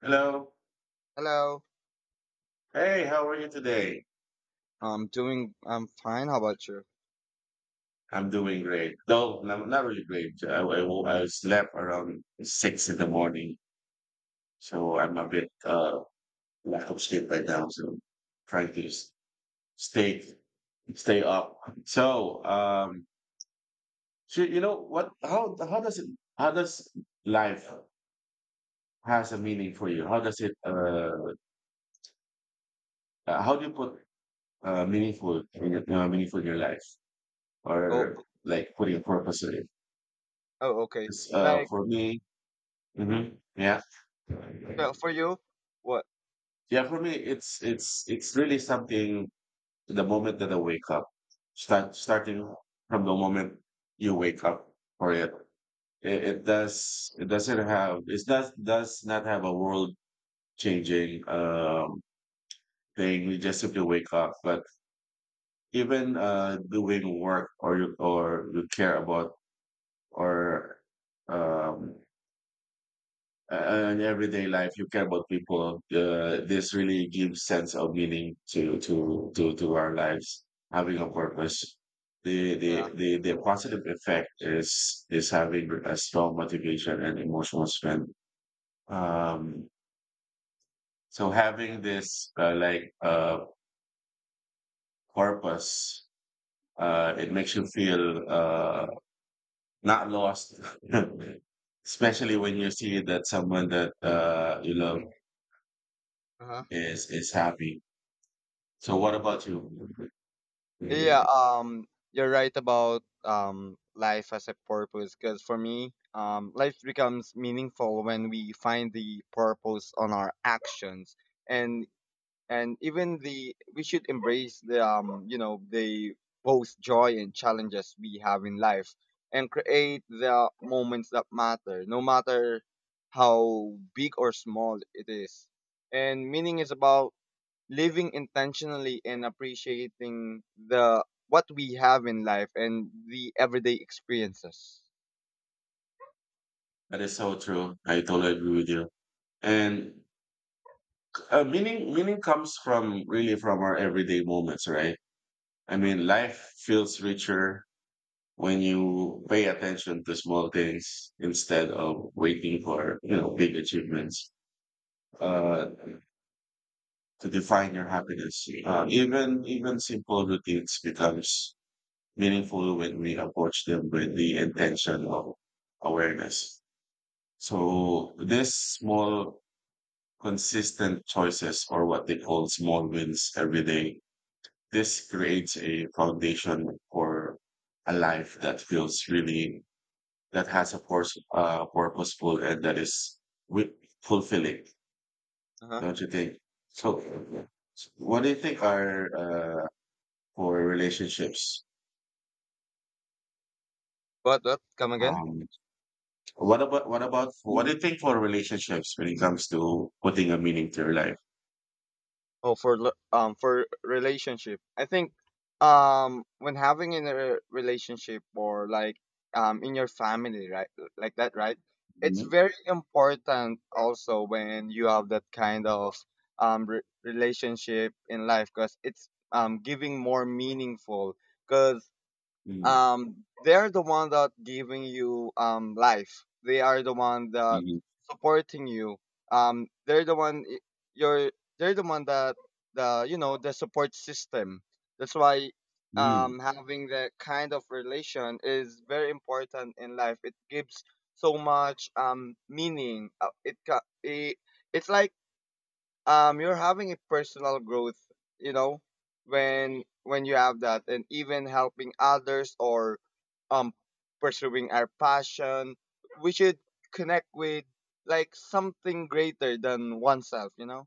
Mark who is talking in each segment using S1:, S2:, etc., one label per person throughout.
S1: Hello.
S2: Hello.
S1: Hey, how are you today?
S2: I'm doing. I'm fine. How about you?
S1: I'm doing great. No, no, not really great. I slept around 6 in the morning, so I'm a
S2: Uh-huh.
S1: bit lack of sleep right now. So trying to stay stay up. So um, so you know what? How does it? How does life has a meaning for you? How does it? How do you put meaningful in your life,
S2: Oh.
S1: or like putting a purpose in it?
S2: Oh. Okay.
S1: 'Cause,
S2: Like.
S1: for me.
S2: Mm-hmm.
S1: Mhm. Yeah.
S2: So for you, what?
S1: Yeah, for me, it's really something the moment that I wake up, starting from the moment you wake up for it. It does it doesn't have it does not have a world changing thing. You just simply wake up. But even doing work or you care about or um in everyday life you care about people, this really gives sense of meaning to our lives, having a purpose. the the
S2: Yeah.
S1: the, the positive effect is having a strong motivation and emotional strength. Um so having this purpose, it makes you feel not lost, especially when you see that someone that you love
S2: Uh-huh.
S1: is happy. So what about you?
S2: Yeah.
S1: Yeah.
S2: You're right about life as a purpose. Because for me, life becomes meaningful when we find the purpose on our actions. And and even the we should embrace the you know the both joy and challenges we have in life, and create the moments that matter no matter how big or small it is. And meaning is about living intentionally and appreciating the what we have in life and the everyday experiences.
S1: That is so true. I totally agree with you. And meaning comes from really from our everyday moments, right? I
S2: Uh-huh.
S1: mean, life feels richer when you pay attention to small things instead of waiting for, you know, big achievements, uh, to define your happiness. Even simple routines becomes meaningful when we approach them with the intention of awareness. So this small consistent choices, or what they call small wins every day. This creates a foundation for a life that feels really, that has a purpose, purposeful and that is wi- fulfilling,
S2: Uh-huh.
S1: don't you think? So, what do you think are, for relationships?
S2: What, come again?
S1: Um, what do you think for relationships when it comes to putting a meaning to your life?
S2: Oh, for for relationship, I think, when having in a relationship, or like, in your family, right, like that, right? It's
S1: Mhm.
S2: very important also when you have that kind of relationship in life, because it's giving more meaningful, because
S1: Mm.
S2: they're the one that giving you, life. They are the one that
S1: Mhm.
S2: supporting you. They're the one y- you're. They're the one that, the you know the support system. That's why,
S1: Mm.
S2: having that kind of relation is very important in life. It gives so much, meaning. It, ca- it it's like, you're having a personal growth, you know, when you have that, and even helping others, or um pursuing our passion. We should connect with like something greater than oneself, you know.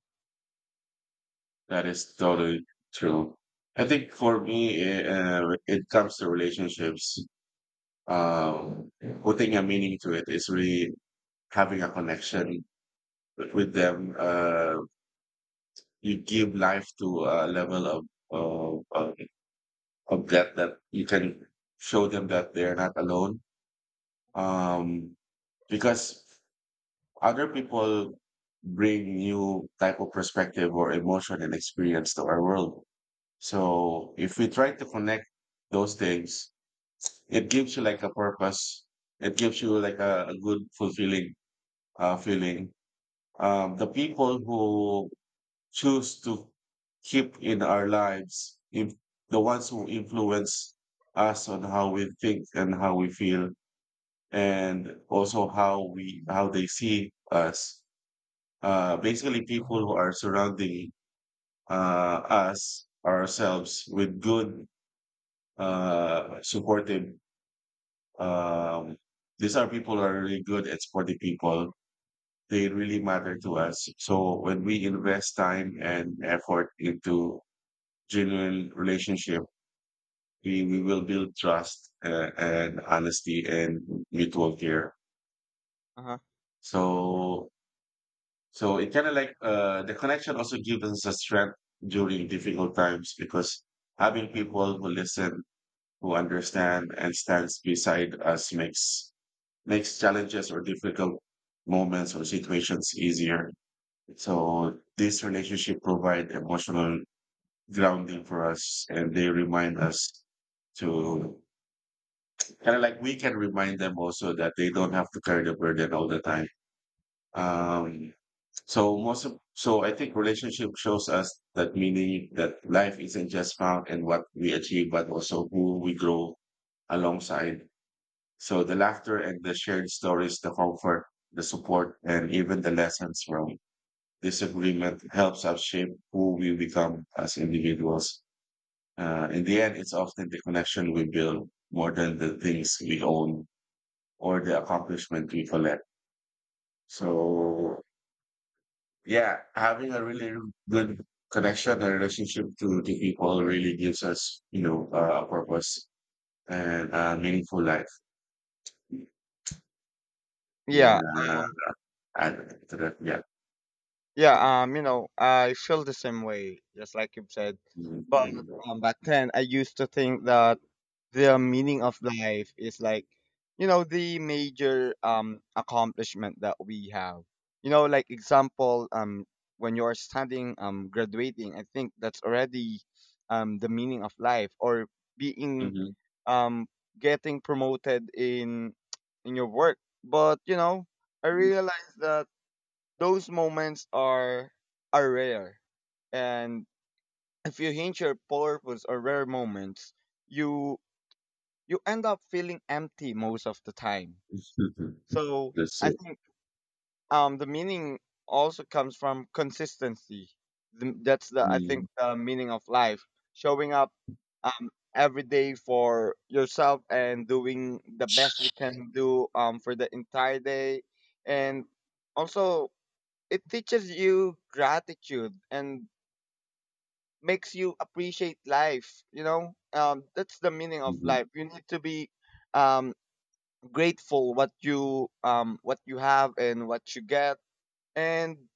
S1: That is totally true. I think for me, it comes to relationships. Um, putting a meaning to it is really having a connection with them. You give life to a level of of, of of depth that you can show them that they're not alone. Um, because other people bring new type of perspective or emotion and experience to our world. So if we try to connect those things, it gives you like a purpose. It gives you like a good fulfilling, feeling. The people who choose to keep in our lives, if the ones who influence us on how we think and how we feel, and also how they see us. Basically, people who are surrounding, uh, us ourselves with good, supportive. Um, these are people who are really good at supporting people. They really matter to us. So when we invest time and effort into genuine relationship, we will build trust, and honesty and mutual care.
S2: Uh-huh.
S1: So so it kind of like, the connection also gives us a strength during difficult times because having people who listen, who understand, and stands beside us makes challenges or difficult moments or situations easier. So this relationship provide emotional grounding for us and they remind us to kind of like we can remind them also that they don't have to carry the burden all the time. Um, so I think relationship shows us that meaning that life isn't just found in what we achieve, but also who we grow alongside. So the laughter and the shared stories, the comfort, the support, and even the lessons from disagreement helps us shape who we become as individuals. In the end, it's often the connection we build more than the things we own or the accomplishment we collect. So yeah, having a really good connection and relationship to the people really gives us, you know, a purpose and a meaningful life. You
S2: Yeah.
S1: wanna
S2: um
S1: add to that? Yeah.
S2: yeah. I feel the same way just like you've said. But,
S1: Mhm.
S2: back then I used to think that the meaning of life is like, the major, accomplishment that we have, like, example, when you're studying, graduating, I think that's already, the meaning of life, or being,
S1: Mhm.
S2: um getting promoted in in your work. But, I realize that those moments are rare, and if you hint your purpose or rare moments, you you end up feeling empty most of the time.
S1: Mhm.
S2: So
S1: That's
S2: I
S1: it.
S2: think, the meaning also comes from consistency. That's the I think
S1: Mhm.
S2: the meaning of life: showing up, every day for yourself and doing the best you can do, for the entire day, and also it teaches you gratitude and makes you appreciate life. You know, that's the meaning of
S1: Mhm.
S2: life. You need to be, um, grateful what you, have, and what you get, and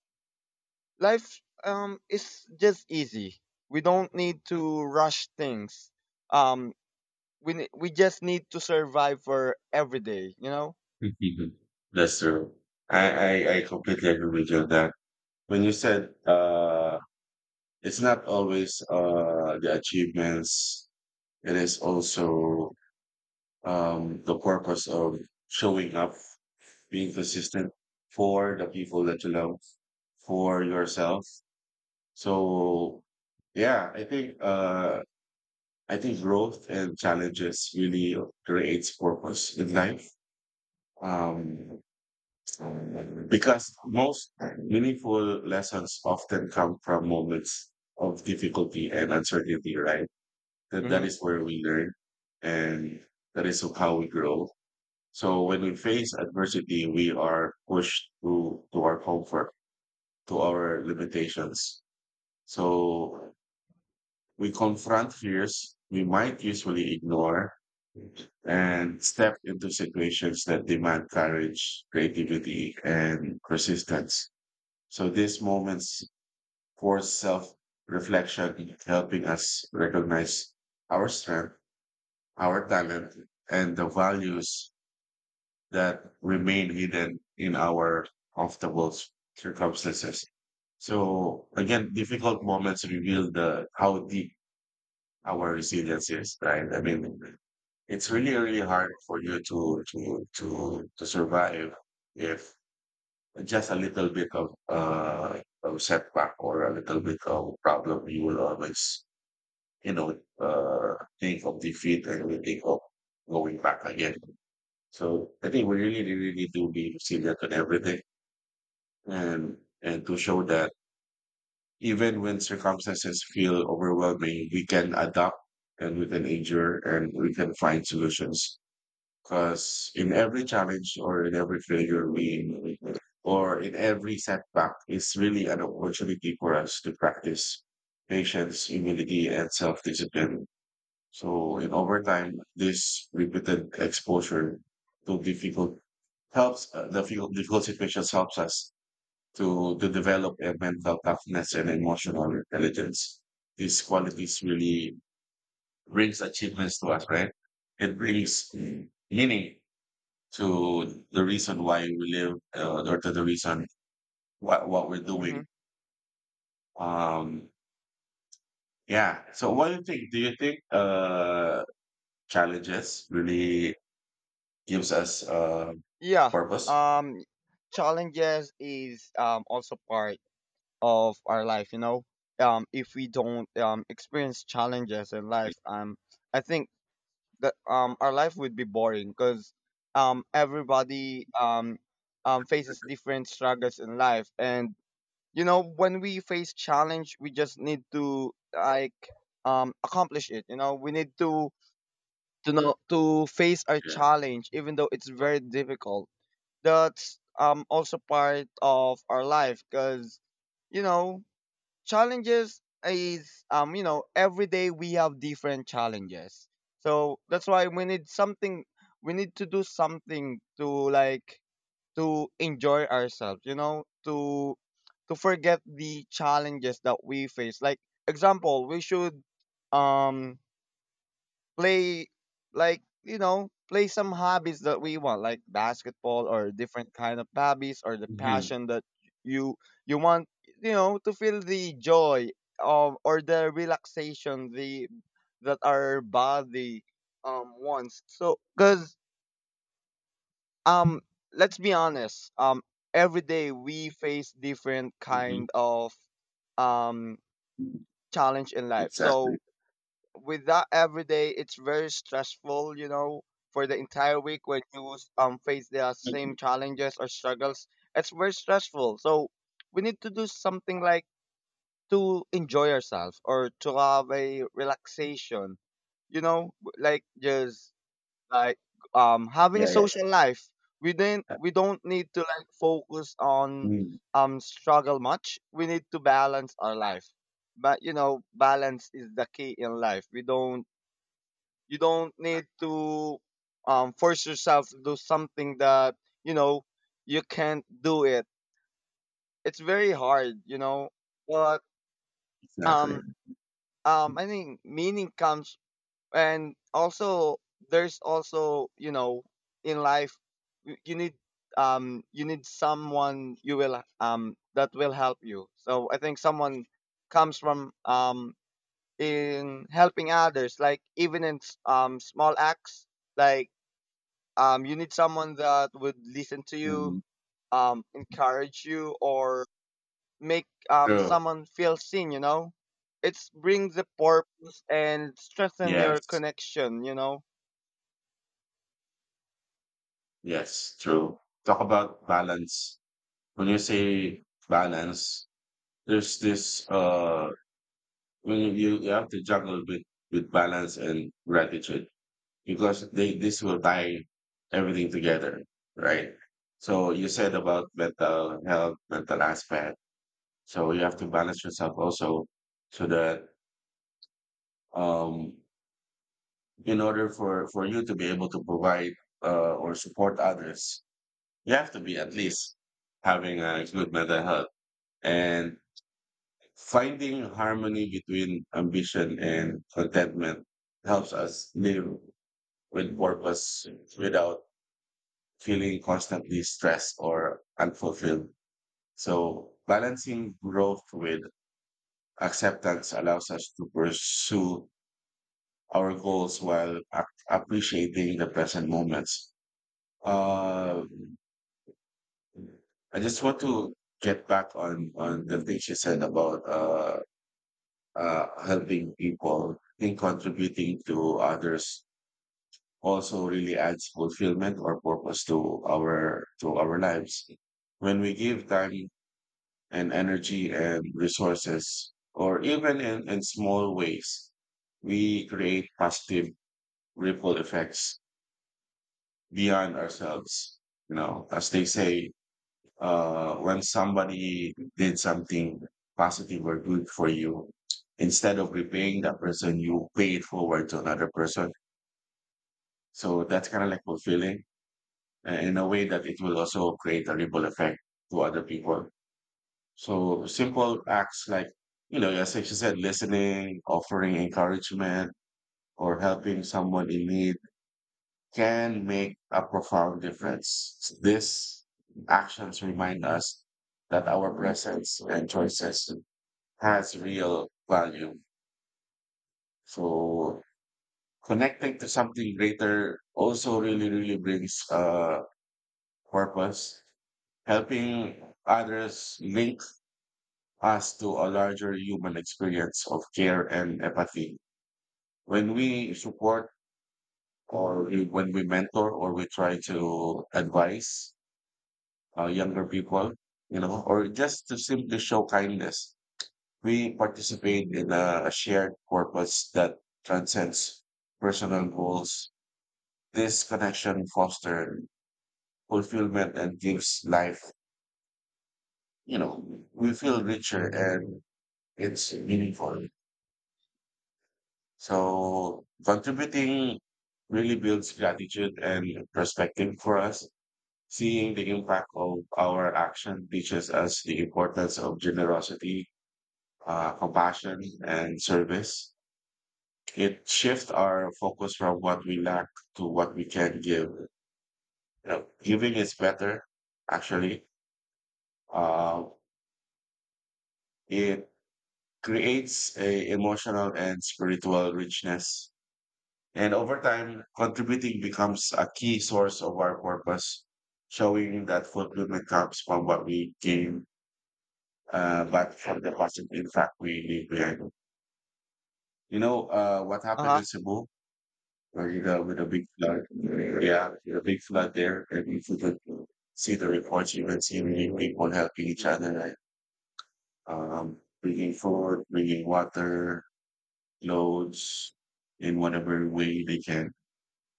S2: life is just easy. We don't need to rush things. um we just need to survive for every day, you know.
S1: Mhm. That's true. I, I completely agree with you on that. When you said, it's not always, the achievements, it is also, the purpose of showing up, being consistent for the people that you love, for yourself. So yeah, I think, I think growth and challenges really creates purpose in life. Um, because most meaningful lessons often come from moments of difficulty and uncertainty, right? That
S2: Mm-hmm.
S1: is where we learn and that is how we grow. So when we face adversity, we are pushed to our comfort, to our limitations. So we confront fears we might usually ignore and step into situations that demand courage, creativity, and persistence. So these moments force self reflection, helping us recognize our strength, our talent, and the values that remain hidden in our comfortable circumstances. So again, difficult moments reveal the how deep our resilience is, right? I mean, it's really, really hard for you to to survive if just a little bit of setback or a little bit of problem, you will always, you know, think of defeat and you think of going back again. So I think we really, really need to be resilient on everything and to show that even when circumstances feel overwhelming, we can adapt and we can endure and we can find solutions. Because in every challenge or in every failure we or in every setback is really an opportunity for us to practice patience, humility, and self-discipline. So in over time, this repeated exposure to difficult helps, the difficult difficult situations helps us to develop a mental toughness and emotional intelligence. These qualities really brings achievements to us, right? It brings meaning to the reason why we live, or to the reason what we're
S2: Hmm.
S1: doing. Um, yeah. So, what do you think? Do you think, challenges really gives us,
S2: Yeah.
S1: purpose?
S2: um Challenges is, also part of our life, you know. If we don't, experience challenges in life, I think that, our life would be boring, because, everybody, faces different struggles in life, and, you know, when we face challenge we just need to, like, accomplish it, you know. We need to know to face our
S1: Yeah.
S2: challenge even though it's very difficult. That's, also part of our life, because, you know, challenges is, every day we have different challenges. So that's why we need something. We need to do something to, like, to enjoy ourselves, you know, to forget the challenges that we face, like, example, we should, um play, like, play some hobbies that we want, like basketball or different kind of hobbies, or the
S1: Hmm.
S2: passion that you you want, you know, to feel the joy of, or the relaxation, the that our body, wants. So, because, um let's be honest, every day we face different
S1: Hmm.
S2: kind of, um challenge in life. So,
S1: Exactly.
S2: with that, every day it's very stressful, you know, for the entire week when you, face the same challenges or struggles, it's very stressful. So we need to do something, like, to enjoy ourselves, or to have a relaxation, you know, like, just like, having a
S1: Yeah. Yeah.
S2: social life. We don't need to, like, focus on,
S1: Mm,
S2: struggle much. We need to balance our life, but, you know, balance is the key in life. We don't You don't need to, force yourself to do something that you know you can't do it. It's very hard, you know. But,
S1: exactly.
S2: um I think meaning comes, and also, there's also, you know, in life you, need, you need someone, you will, that will help you. So I think someone comes from, in helping others, like, even in, small acts. Like, you need someone that would listen to you,
S1: Mhm.
S2: encourage you, or make,
S1: True.
S2: someone feel seen, you know. It's bring the purpose and strengthen your
S1: Yes.
S2: connection, you know.
S1: Yes. True. Talk about balance. When you say balance, there's this when you you have to juggle with balance and gratitude because they this will tie everything together, right? So you said about mental health, mental aspect. So you have to balance yourself also so that um in order for you to be able to provide, or support others, you have to be at least having a good mental health, and finding harmony between ambition and contentment helps us live with purpose without feeling constantly stressed or unfulfilled. So balancing growth with acceptance allows us to pursue our goals while appreciating the present moments. Uh, I just want to get back on the thing she said about, helping people. I think contributing to others also really adds fulfillment or purpose to our lives. When we give time and energy and resources, or even in small ways, we create positive ripple effects beyond ourselves. You know, as they say, when somebody did something positive or good for you, instead of repaying that person, you pay it forward to another person. So that's kind of like fulfilling, in a way that it will also create a ripple effect to other people. So simple acts like, you know, as you said, listening, offering encouragement, or helping someone in need can make a profound difference. These actions remind us that our presence and choices has real value. So connecting to something greater also really, really brings, purpose. Helping others link us to a larger human experience of care and empathy. When we support when we mentor or we try to advise, younger people, you know, or just to simply show kindness, we participate in a shared purpose that transcends personal goals. This connection fosters fulfillment and gives life, you know, we feel richer and it's meaningful. So contributing really builds gratitude and perspective for us. Seeing the impact of our action teaches us the importance of generosity, compassion, and service. It shifts our focus from what we lack to what we can give. You know, giving is better, actually. Uh, it creates a emotional and spiritual richness. And over time, contributing becomes a key source of our purpose, showing that fulfillment comes from what we give, but from the positive impact we leave behind. You know, what happened
S2: Uh-huh.
S1: in Cebu? Or you go with a big flood. Yeah, with a big flood there. And if you could like, see the reports, you would see really people helping each
S2: Yeah.
S1: other, like, bringing food, bringing water, clothes, in whatever way they can.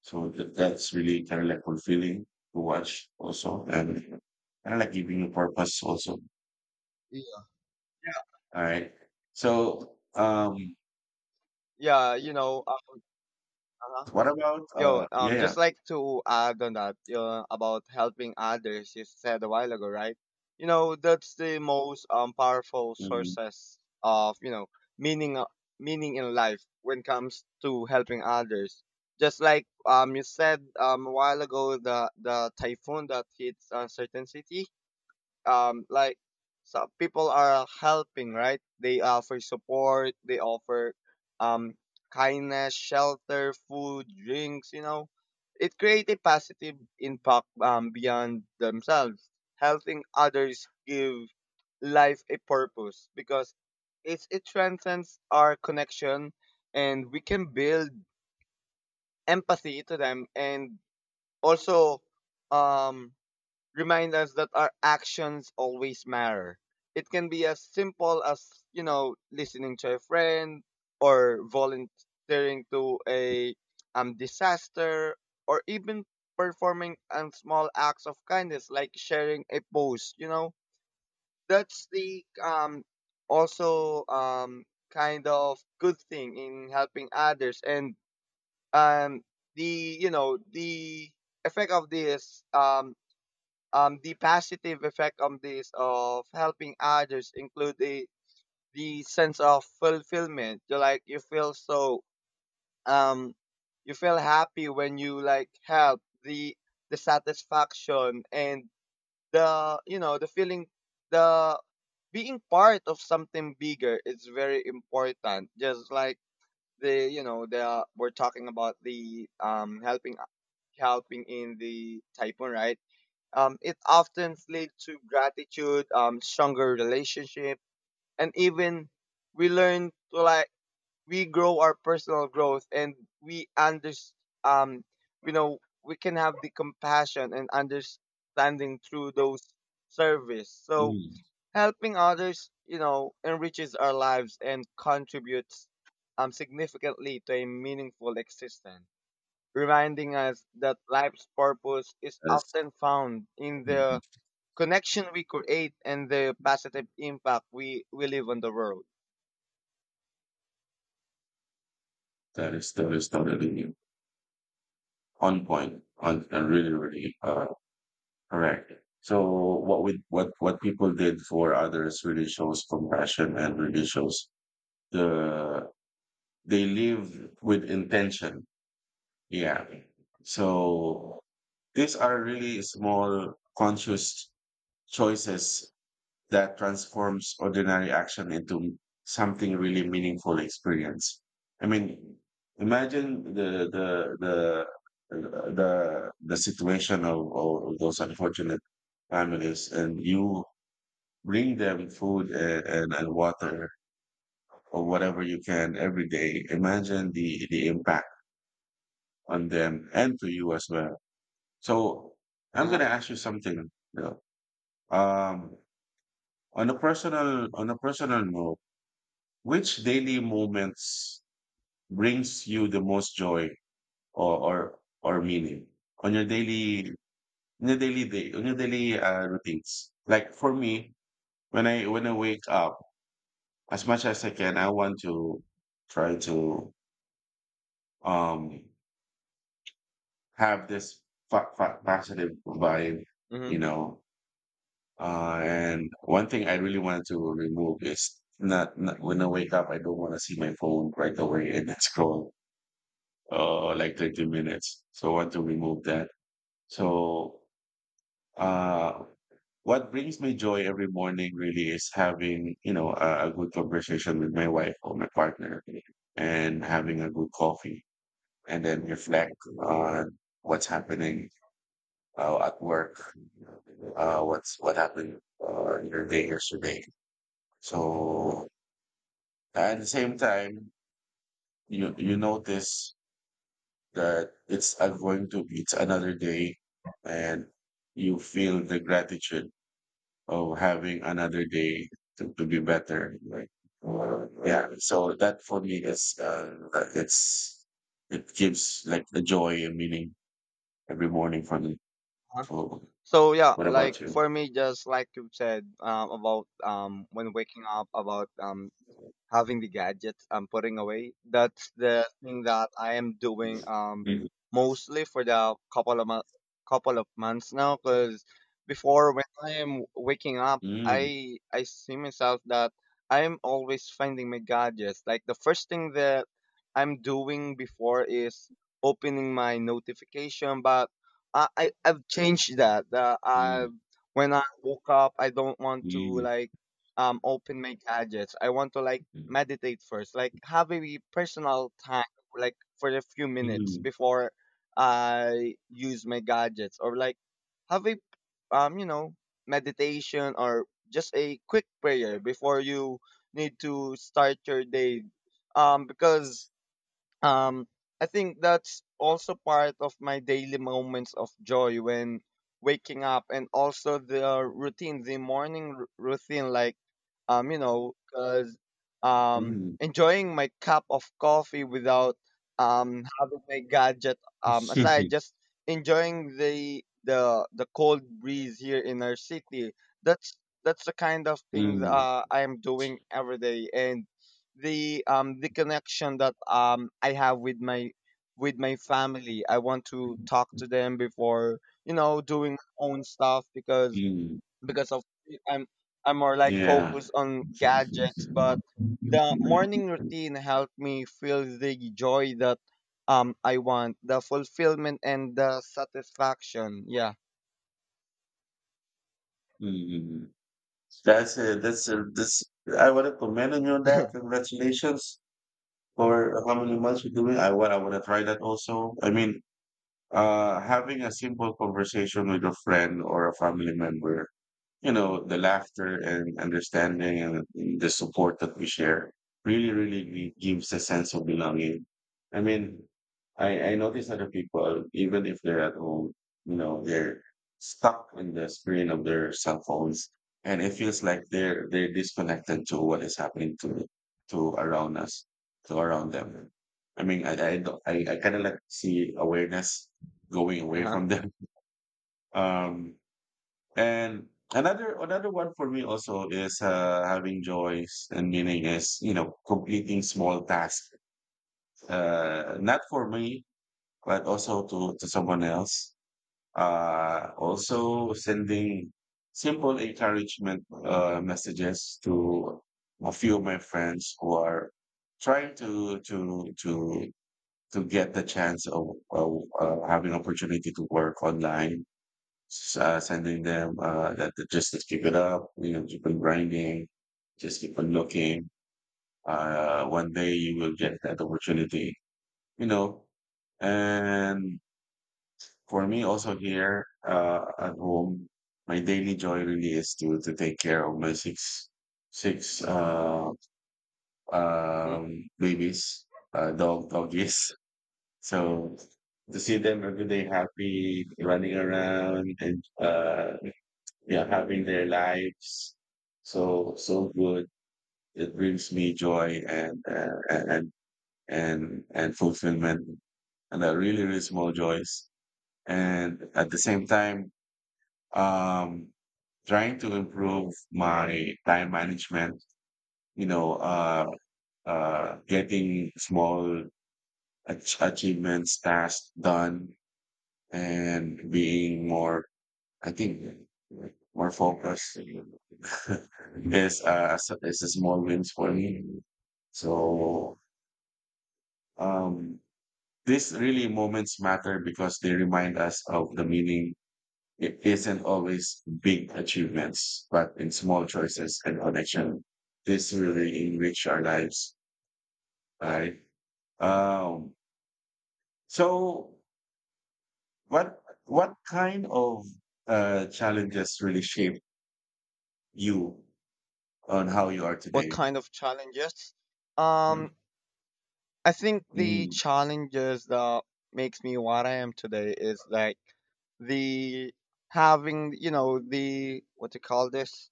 S1: So that's really kind of like fulfilling to watch also. And kind of like giving you purpose also.
S2: Yeah.
S1: All right. So,
S2: Yeah,
S1: what about,
S2: Yo,
S1: yeah, yeah.
S2: just like to, add on that, you know, about helping others, you said a while ago, right? You know, that's the most, powerful
S1: Mm,
S2: sources of, meaning uh, meaning in life when it comes to helping others. Just like, you said, a while ago, the typhoon that hits a certain city, like, some people are helping, right? They offer support. They offer, um kindness, shelter, food, drinks, you know. It creates a positive impact, beyond themselves. Helping others give life a purpose, because it transcends our connection, and we can build empathy to them, and also, um remind us that our actions always matter. It can be as simple as, you know, listening to a friend, or volunteering to a, disaster, or even performing, small acts of kindness, like sharing a post, you know. That's the, also, kind of good thing in helping others, and um the you know the effect of this, the positive effect of this of helping others include the sense of fulfillment. You, like, you feel so, um you feel happy when you, like, help, the satisfaction, and the you know the feeling, the being part of something bigger is very important, just like the you know the we're talking about the, helping in the typhoon, right? It often leads to gratitude, stronger relationship, and even we learn to, like, we grow our personal growth, and we under um you know we can have the compassion and understanding through those service. So
S1: mm,
S2: helping others, you know, enriches our lives and contributes, significantly to a meaningful existence, reminding us that life's purpose is
S1: that is,
S2: often found in
S1: mhm,
S2: the connection we create and the positive impact we leave on the world.
S1: that is totally on point, on and really, really correct. So what we what people did for others really shows compassion and really shows the they live with intention. Yeah. So these are really small conscious choices that transforms ordinary action into something really meaningful experience. I mean, imagine the situation of those unfortunate families, and you bring them food and water or whatever you can every day. Imagine the impact on them and to you as well. So I'm gonna
S2: Uh-huh.
S1: ask you something. You know, um, on a personal note. Which daily moments brings you the most joy or meaning on your daily on your daily routines? Like for me, when I wake up, as much as I can, I want to try to um have this positive vibe,
S2: Hmm.
S1: you know. And one thing I really wanted to remove is not, not when I wake up, I don't want to see my phone right away and scroll like 30 minutes. So I want to remove that. So uh, what brings me joy every morning really is having, a good conversation with my wife or my partner and having a good coffee and then reflect on what's happening at work, what happened in your day yesterday. So at the same time, you notice that it's I'm going to it's another day and you feel the gratitude of having another day to be better. Like yeah. So that for me is it gives like the joy and meaning every morning for me.
S2: Uh-huh.
S1: So
S2: So yeah,
S1: what
S2: like,
S1: about you?
S2: for me, just like you said, about, when waking up, about, having the gadgets I'm putting away. That's the thing that I am doing, mostly for the, couple of months now. Because before, when I am waking up,
S1: Mm,
S2: I see myself that I'm always finding my gadgets. Like the first thing that I'm doing before is opening my notification, but I've changed that. I
S1: mm,
S2: When I woke up, I don't want to,
S1: mm,
S2: like, open my gadgets. I want to, like,
S1: mm,
S2: meditate first. Like, have a personal time, like for a few minutes
S1: mm,
S2: before I use my gadgets, or like have a, um you know meditation, or just a quick prayer before you need to start your day. Because, um I think that's also part of my daily moments of joy when waking up, and also the routine, the morning, routine, like, cuz, um
S1: mm,
S2: enjoying my cup of coffee without, having my gadget, aside, just enjoying the cold breeze here in our city. that's that's the kind of things,
S1: mm,
S2: I am doing every day, and the connection that, I have with my family. I want to talk to them before, doing my own stuff, because
S1: mm.
S2: because of I'm I'm more, like,
S1: Yeah.
S2: focused on gadgets, but the morning routine helped me feel the joy that, I want, the fulfillment and the satisfaction. Yeah.
S1: Mm. This. I want to commend on you on that. Congratulations for how many months you're doing. I want to try that also. I mean, having a simple conversation with a friend or a family member, the laughter and understanding and the support that we share really, really gives a sense of belonging. I mean, I notice other people, even if they're at home, they're stuck in the screen of
S2: Mhm.
S1: their cell phones and it feels like they're disconnected to what is happening to around us, to around them. I mean, I, don't- I kind of like see awareness going away
S2: Uh-huh.
S1: from them. Um, and another one for me also is having joys and meaning is completing small tasks. Not for me, but also to someone else. Also sending simple encouragement messages to a few of my friends who are trying to get the chance of having opportunity to work online sending them that they just to keep it up, keep on grinding, just keep on looking. One day you will get that opportunity, you know. And for me, also here at home, my daily joy really is to take care of my six six uh,
S2: Mhm.
S1: um, babies, doggies. So to see them every day happy, running around and yeah, having their lives so good. It brings me joy and and fulfillment, and a really really small joys. And at the same time, um, trying to improve my time management. You know, getting small achievements tasks done and being more, I think, more focus is is a small wins for me. So um these really moments matter because they remind us of the meaning. It isn't always big achievements, but in small choices and connection. This really enrich our lives, right? Um so what kind of challenges really shape you on how you are
S2: What
S1: today?
S2: kind of challenges? Um I think the
S1: Mm,
S2: challenges that makes me what I am today is like, the having, you know, the what do you call this,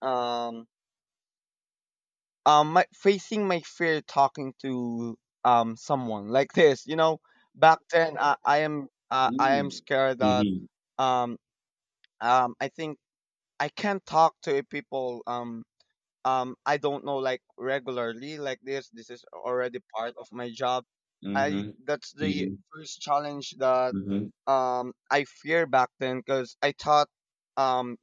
S2: um my, facing my fear, talking to, someone like this, you know. Back then, I
S1: mm,
S2: am scared that,
S1: mhm,
S2: um I think I can't talk to people, I don't know, like, regularly like this. This is already part of my job. I
S1: mhm,
S2: That's the
S1: mhm,
S2: first challenge that,
S1: mhm,
S2: I fear back then, because I thought, um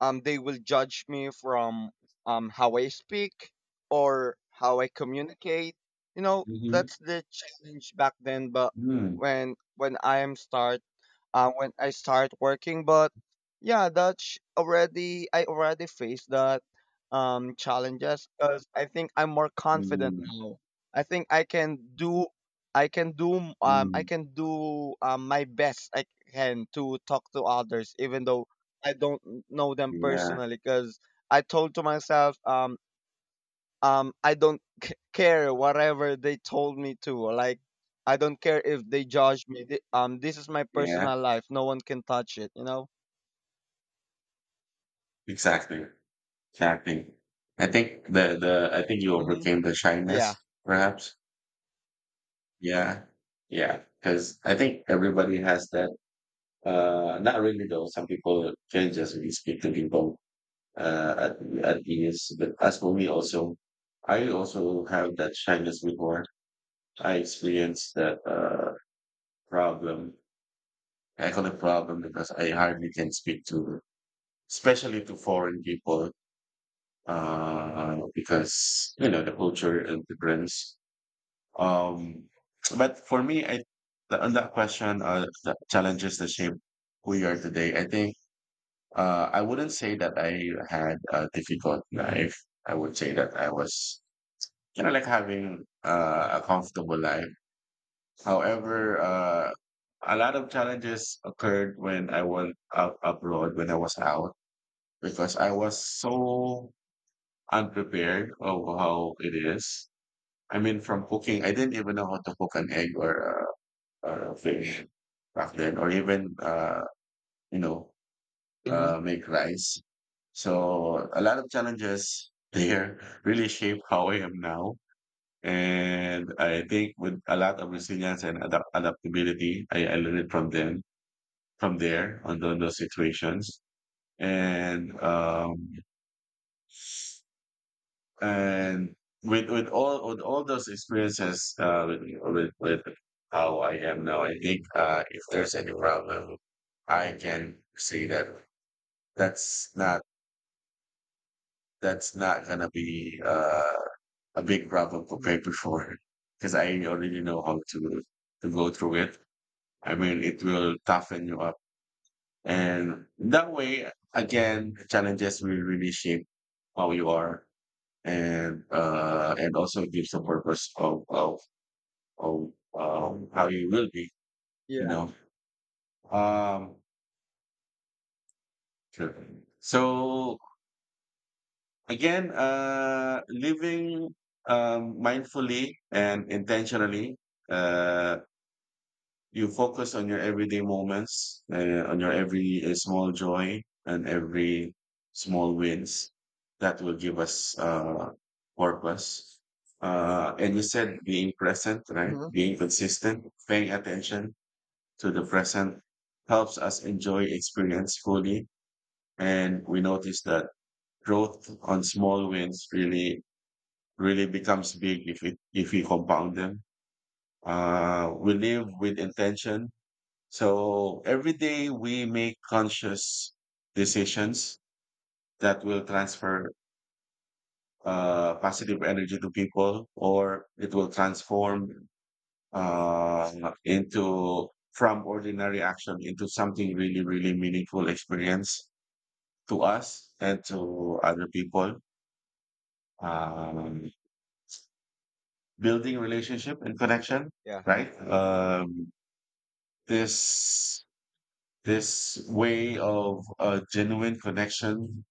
S2: they will judge me from, how I speak, or how I communicate. You know, that's the challenge back then. But
S1: mhm,
S2: when I am start when I start working. But yeah, that's already, I already faced that, challenges, because I think I'm more
S1: mm,
S2: confident
S1: mm,
S2: now. I think I can do,
S1: mm.
S2: my best I can to talk to others even though I don't know them
S1: Yeah,
S2: personally, because I told to myself, I don't care whatever they told me to, like, I don't care if they judge me. This is my
S1: yeah,
S2: personal life, no one can touch it, you know.
S1: exactly, exactly. I think you
S2: Hmm.
S1: overcame the
S2: Yeah.
S1: shyness, perhaps. Yeah, yeah, because I think everybody has that. Not really though. Some people can just really speak to people uh, at at ease. But as for me, also, I also have that shyness before. I experienced that. Problem. I call it problem because I hardly can speak to, especially to foreign people, because you know the culture and difference. Um, but for me, on that question, the challenges that shape who you are today. I think I wouldn't say that I had a difficult life. I would say that I was like having a comfortable life. However, a lot of challenges occurred when I went out abroad when I was out because I was so unprepared of how it is. I mean, from cooking, I didn't even know how to cook an egg or a fish back then, or even you know
S2: Hmm.
S1: make rice. So a lot of challenges there really shape how I am now. And I think with a lot of resilience and adaptability, I learned it from there on, those situations and um and with all those experiences with how I am now. I think if there's any problem I can see that that's not that's not gonna be a big problem
S2: Hmm.
S1: compared before because I already know how to go through it. I mean it will toughen you up. And that way, again, challenges will really shape how you are and and also gives a purpose of how you will be, you
S2: Yeah.
S1: know. Um sure. So again, living mindfully and intentionally. uh You focus on your everyday moments, on your every small joy and every small wins that will give us purpose. And you said being present, right?
S2: Hmm.
S1: Being consistent, paying attention to the present helps us enjoy experience fully. And we notice that growth on small wins really, really becomes big if we compound them. We live with intention so every day we make conscious decisions that will transfer positive energy to people, or it will transform into from ordinary action into something really, really meaningful experience to us and to other people. Um, Building relationship and connection,
S2: Yeah.
S1: right? This this way of a genuine connection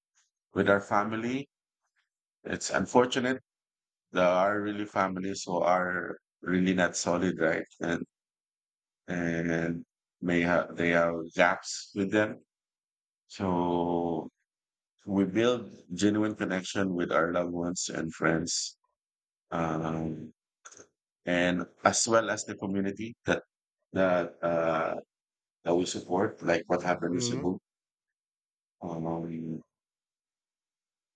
S1: with our family, it's unfortunate there are really families who are really not solid, right? And may have they have gaps with them. So we build genuine connection with our loved ones and friends, um, and as well as the community that uh, that we support. Like what happened with
S2: Hmm.
S1: Cebu. Um,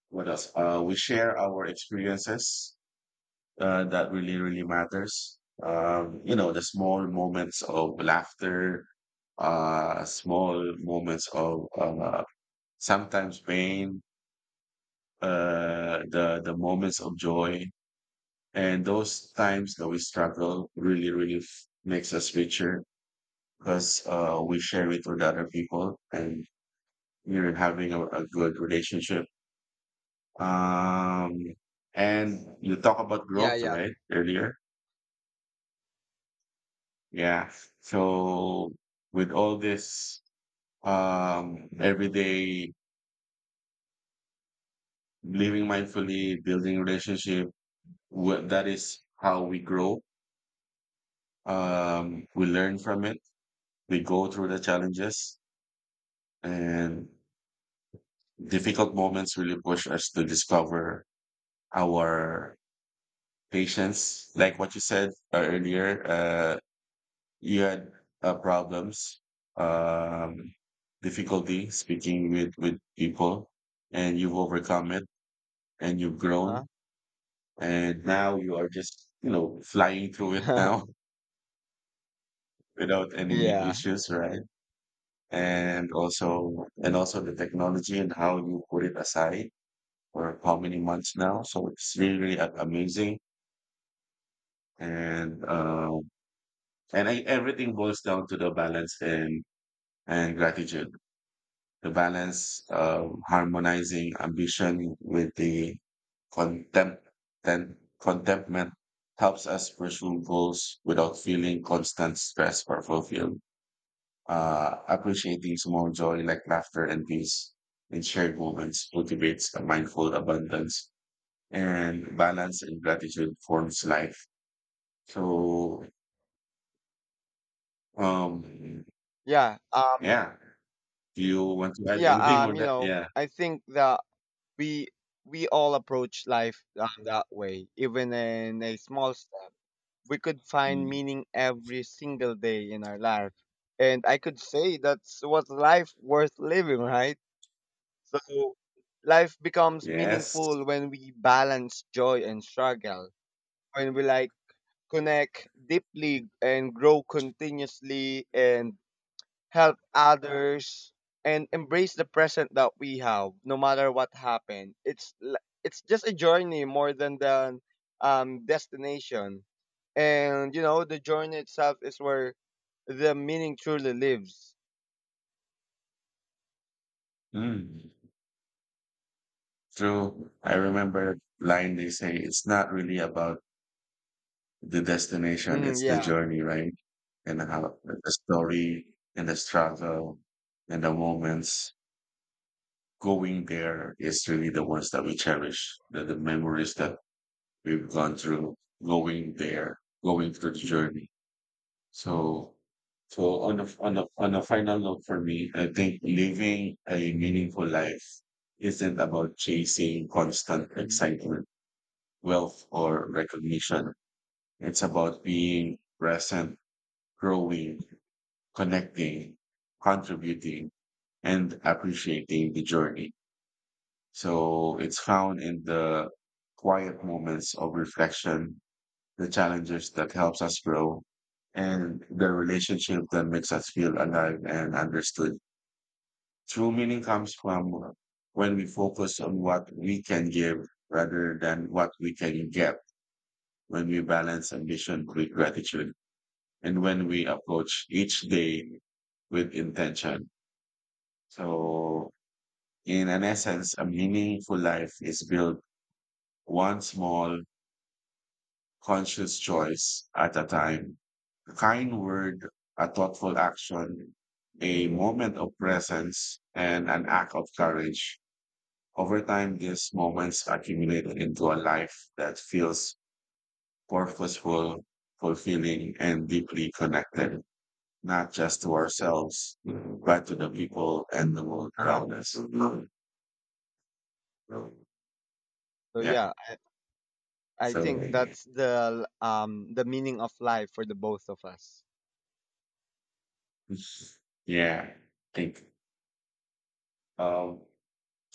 S1: what else? We share our experiences that really, really matters. The small moments of laughter, small moments of sometimes pain, the moments of joy, and those times that we struggle really, really makes us richer because we share it with other people, and you're having a good relationship. Um, and you talk about
S2: Yeah.
S1: growth,
S2: Yeah.
S1: right? Earlier. Yeah. So with all this, everyday living mindfully, building relationship, that is how we grow. We learn from it. We go through the challenges and difficult moments really push us to discover our patience. Like what you said earlier, you had problems, um, difficulty speaking with people, and you've overcome it and you've
S2: Huh.
S1: grown. And now you are just, flying through it now without any
S2: Yeah.
S1: issues, right? And also, the technology and how you put it aside for how many months now. So it's really, really amazing. And, um, Everything boils down to the balance and gratitude to balance harmonizing ambition with the contempt then contentment helps us pursue goals without feeling constant stress or fulfilled. Appreciating small joy like laughter and peace in shared moments cultivates a mindful abundance and balance and gratitude forms life. So, um,
S2: Yeah.
S1: yeah. Do you want to add
S2: Yeah.
S1: anything on that? Yeah.
S2: I think that we we all approach life, that way, even in a small step, we could find
S1: Mm.
S2: meaning every single day in our life. And I could say that's what life worth living, right? So life becomes
S1: Yes.
S2: meaningful when we balance joy and struggle, when we, like, connect deeply and grow continuously, and help others, and embrace the present that we have, no matter what happened. It's just a journey more than the, destination, and you know, the journey itself is where the meaning truly lives.
S1: Mm. True. I remember a line they say it's not really about the destination,
S2: Hmm.
S1: it's the
S2: Yeah.
S1: journey, right? And how the story and the struggle and the moments going there is really the ones that we cherish, the memories that we've gone through going there, going through the journey. So, so, on a final note for me, I think living a meaningful life isn't about chasing constant
S2: Hmm.
S1: excitement wealth or recognition. It's about being present, growing, connecting, contributing, and appreciating the journey. So it's found in the quiet moments of reflection, the challenges that helps us grow, and the relationship that makes us feel alive and understood. True meaning comes from when we focus on what we can give rather than what we can get. When we balance ambition with gratitude and when we approach each day with intention. So, in an essence, a meaningful life is built one small conscious choice at a time. A kind word, a thoughtful action, a moment of presence, and an act of courage. Over time, these moments accumulate into a life that feels purposeful, fulfilling, and deeply connected. Not just to ourselves, but to the people and the world
S2: Uh huh.
S1: around us.
S2: So
S1: Yeah.
S2: yeah, I
S1: So
S2: think that's the, the meaning of life for the both of us.
S1: yeah, I think. Um,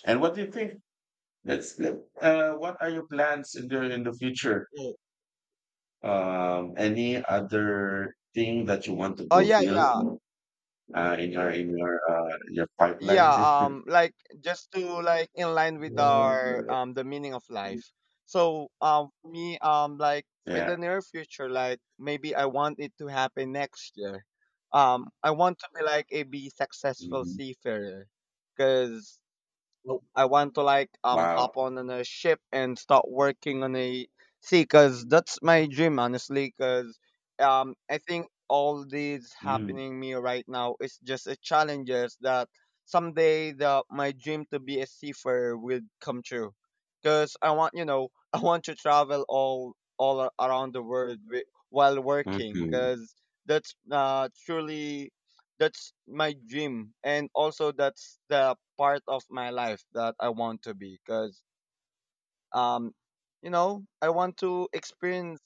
S1: and what do you think? That's What are your plans in the future?
S2: Oh,
S1: Any other thing that you want to
S2: oh yeah, yeah.
S1: fulfill in your pipeline?
S2: Yeah, like, just to, like, in line with our, the meaning of life. So, for me, like, in
S1: Yeah.
S2: the near future, like, maybe I want it to happen next year. I want to be like a be successful
S1: Mhm.
S2: seafarer, because. Nope. I want to, like, hop
S1: Wow.
S2: on a ship and start working on a sea, because that's my dream, honestly, because, I think all these
S1: Mm.
S2: happening me right now is just a challenges that someday, the my dream to be a seafarer will come true, because I want you know I want to travel, around the world, while working,
S1: Mhm.
S2: because, that's uh truly that's my dream. And also that's the part of my life that I want to be, because, um I want to experience.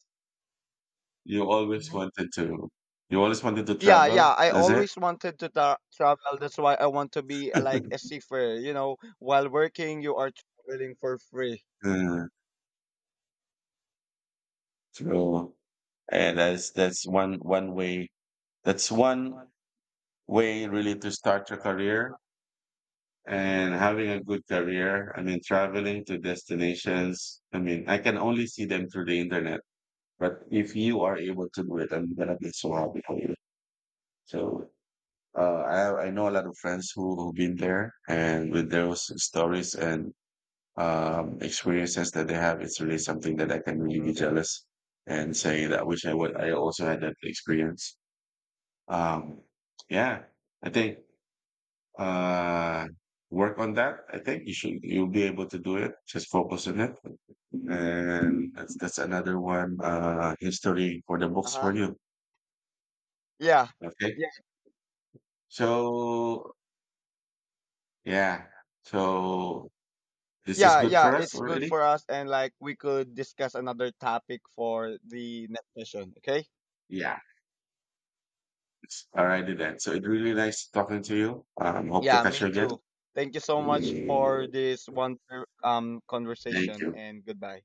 S1: You always
S2: Mhm.
S1: wanted to you always wanted to
S2: Yeah, yeah,
S1: travel,
S2: I
S1: is it?
S2: always wanted to, travel. That's why I want to be, like a seafarer. You know, while working you are traveling for free.
S1: Mm, true. And that's one way really to start your career and having a good career. I mean, traveling to destinations. I mean, I can only see them through the internet, but if you are able to do it, I'm gonna be so happy for you. So, uh, I know a lot of friends who've been there and with those stories and experiences that they have, it's really something that I can really
S2: Mhm.
S1: be jealous and say that I wish I would. I also had that experience. Um, yeah, I think uh, work on that. I think you should. You'll be able to do it. Just focus on it, and that's another one. History for the books
S2: Uh-huh.
S1: for you.
S2: Yeah.
S1: Okay,
S2: Yeah.
S1: so yeah, so this is
S2: Yeah.
S1: good
S2: Yeah,
S1: for us
S2: it's good
S1: already.
S2: for us. And, like, we could discuss another topic for the next session, okay?
S1: Yeah. All righty then. So it really nice talking to you. Hope to
S2: Yeah,
S1: catch
S2: me
S1: you again.
S2: too. Thank you so much for
S1: Thank
S2: this wonderful, conversation,
S1: you.
S2: and goodbye.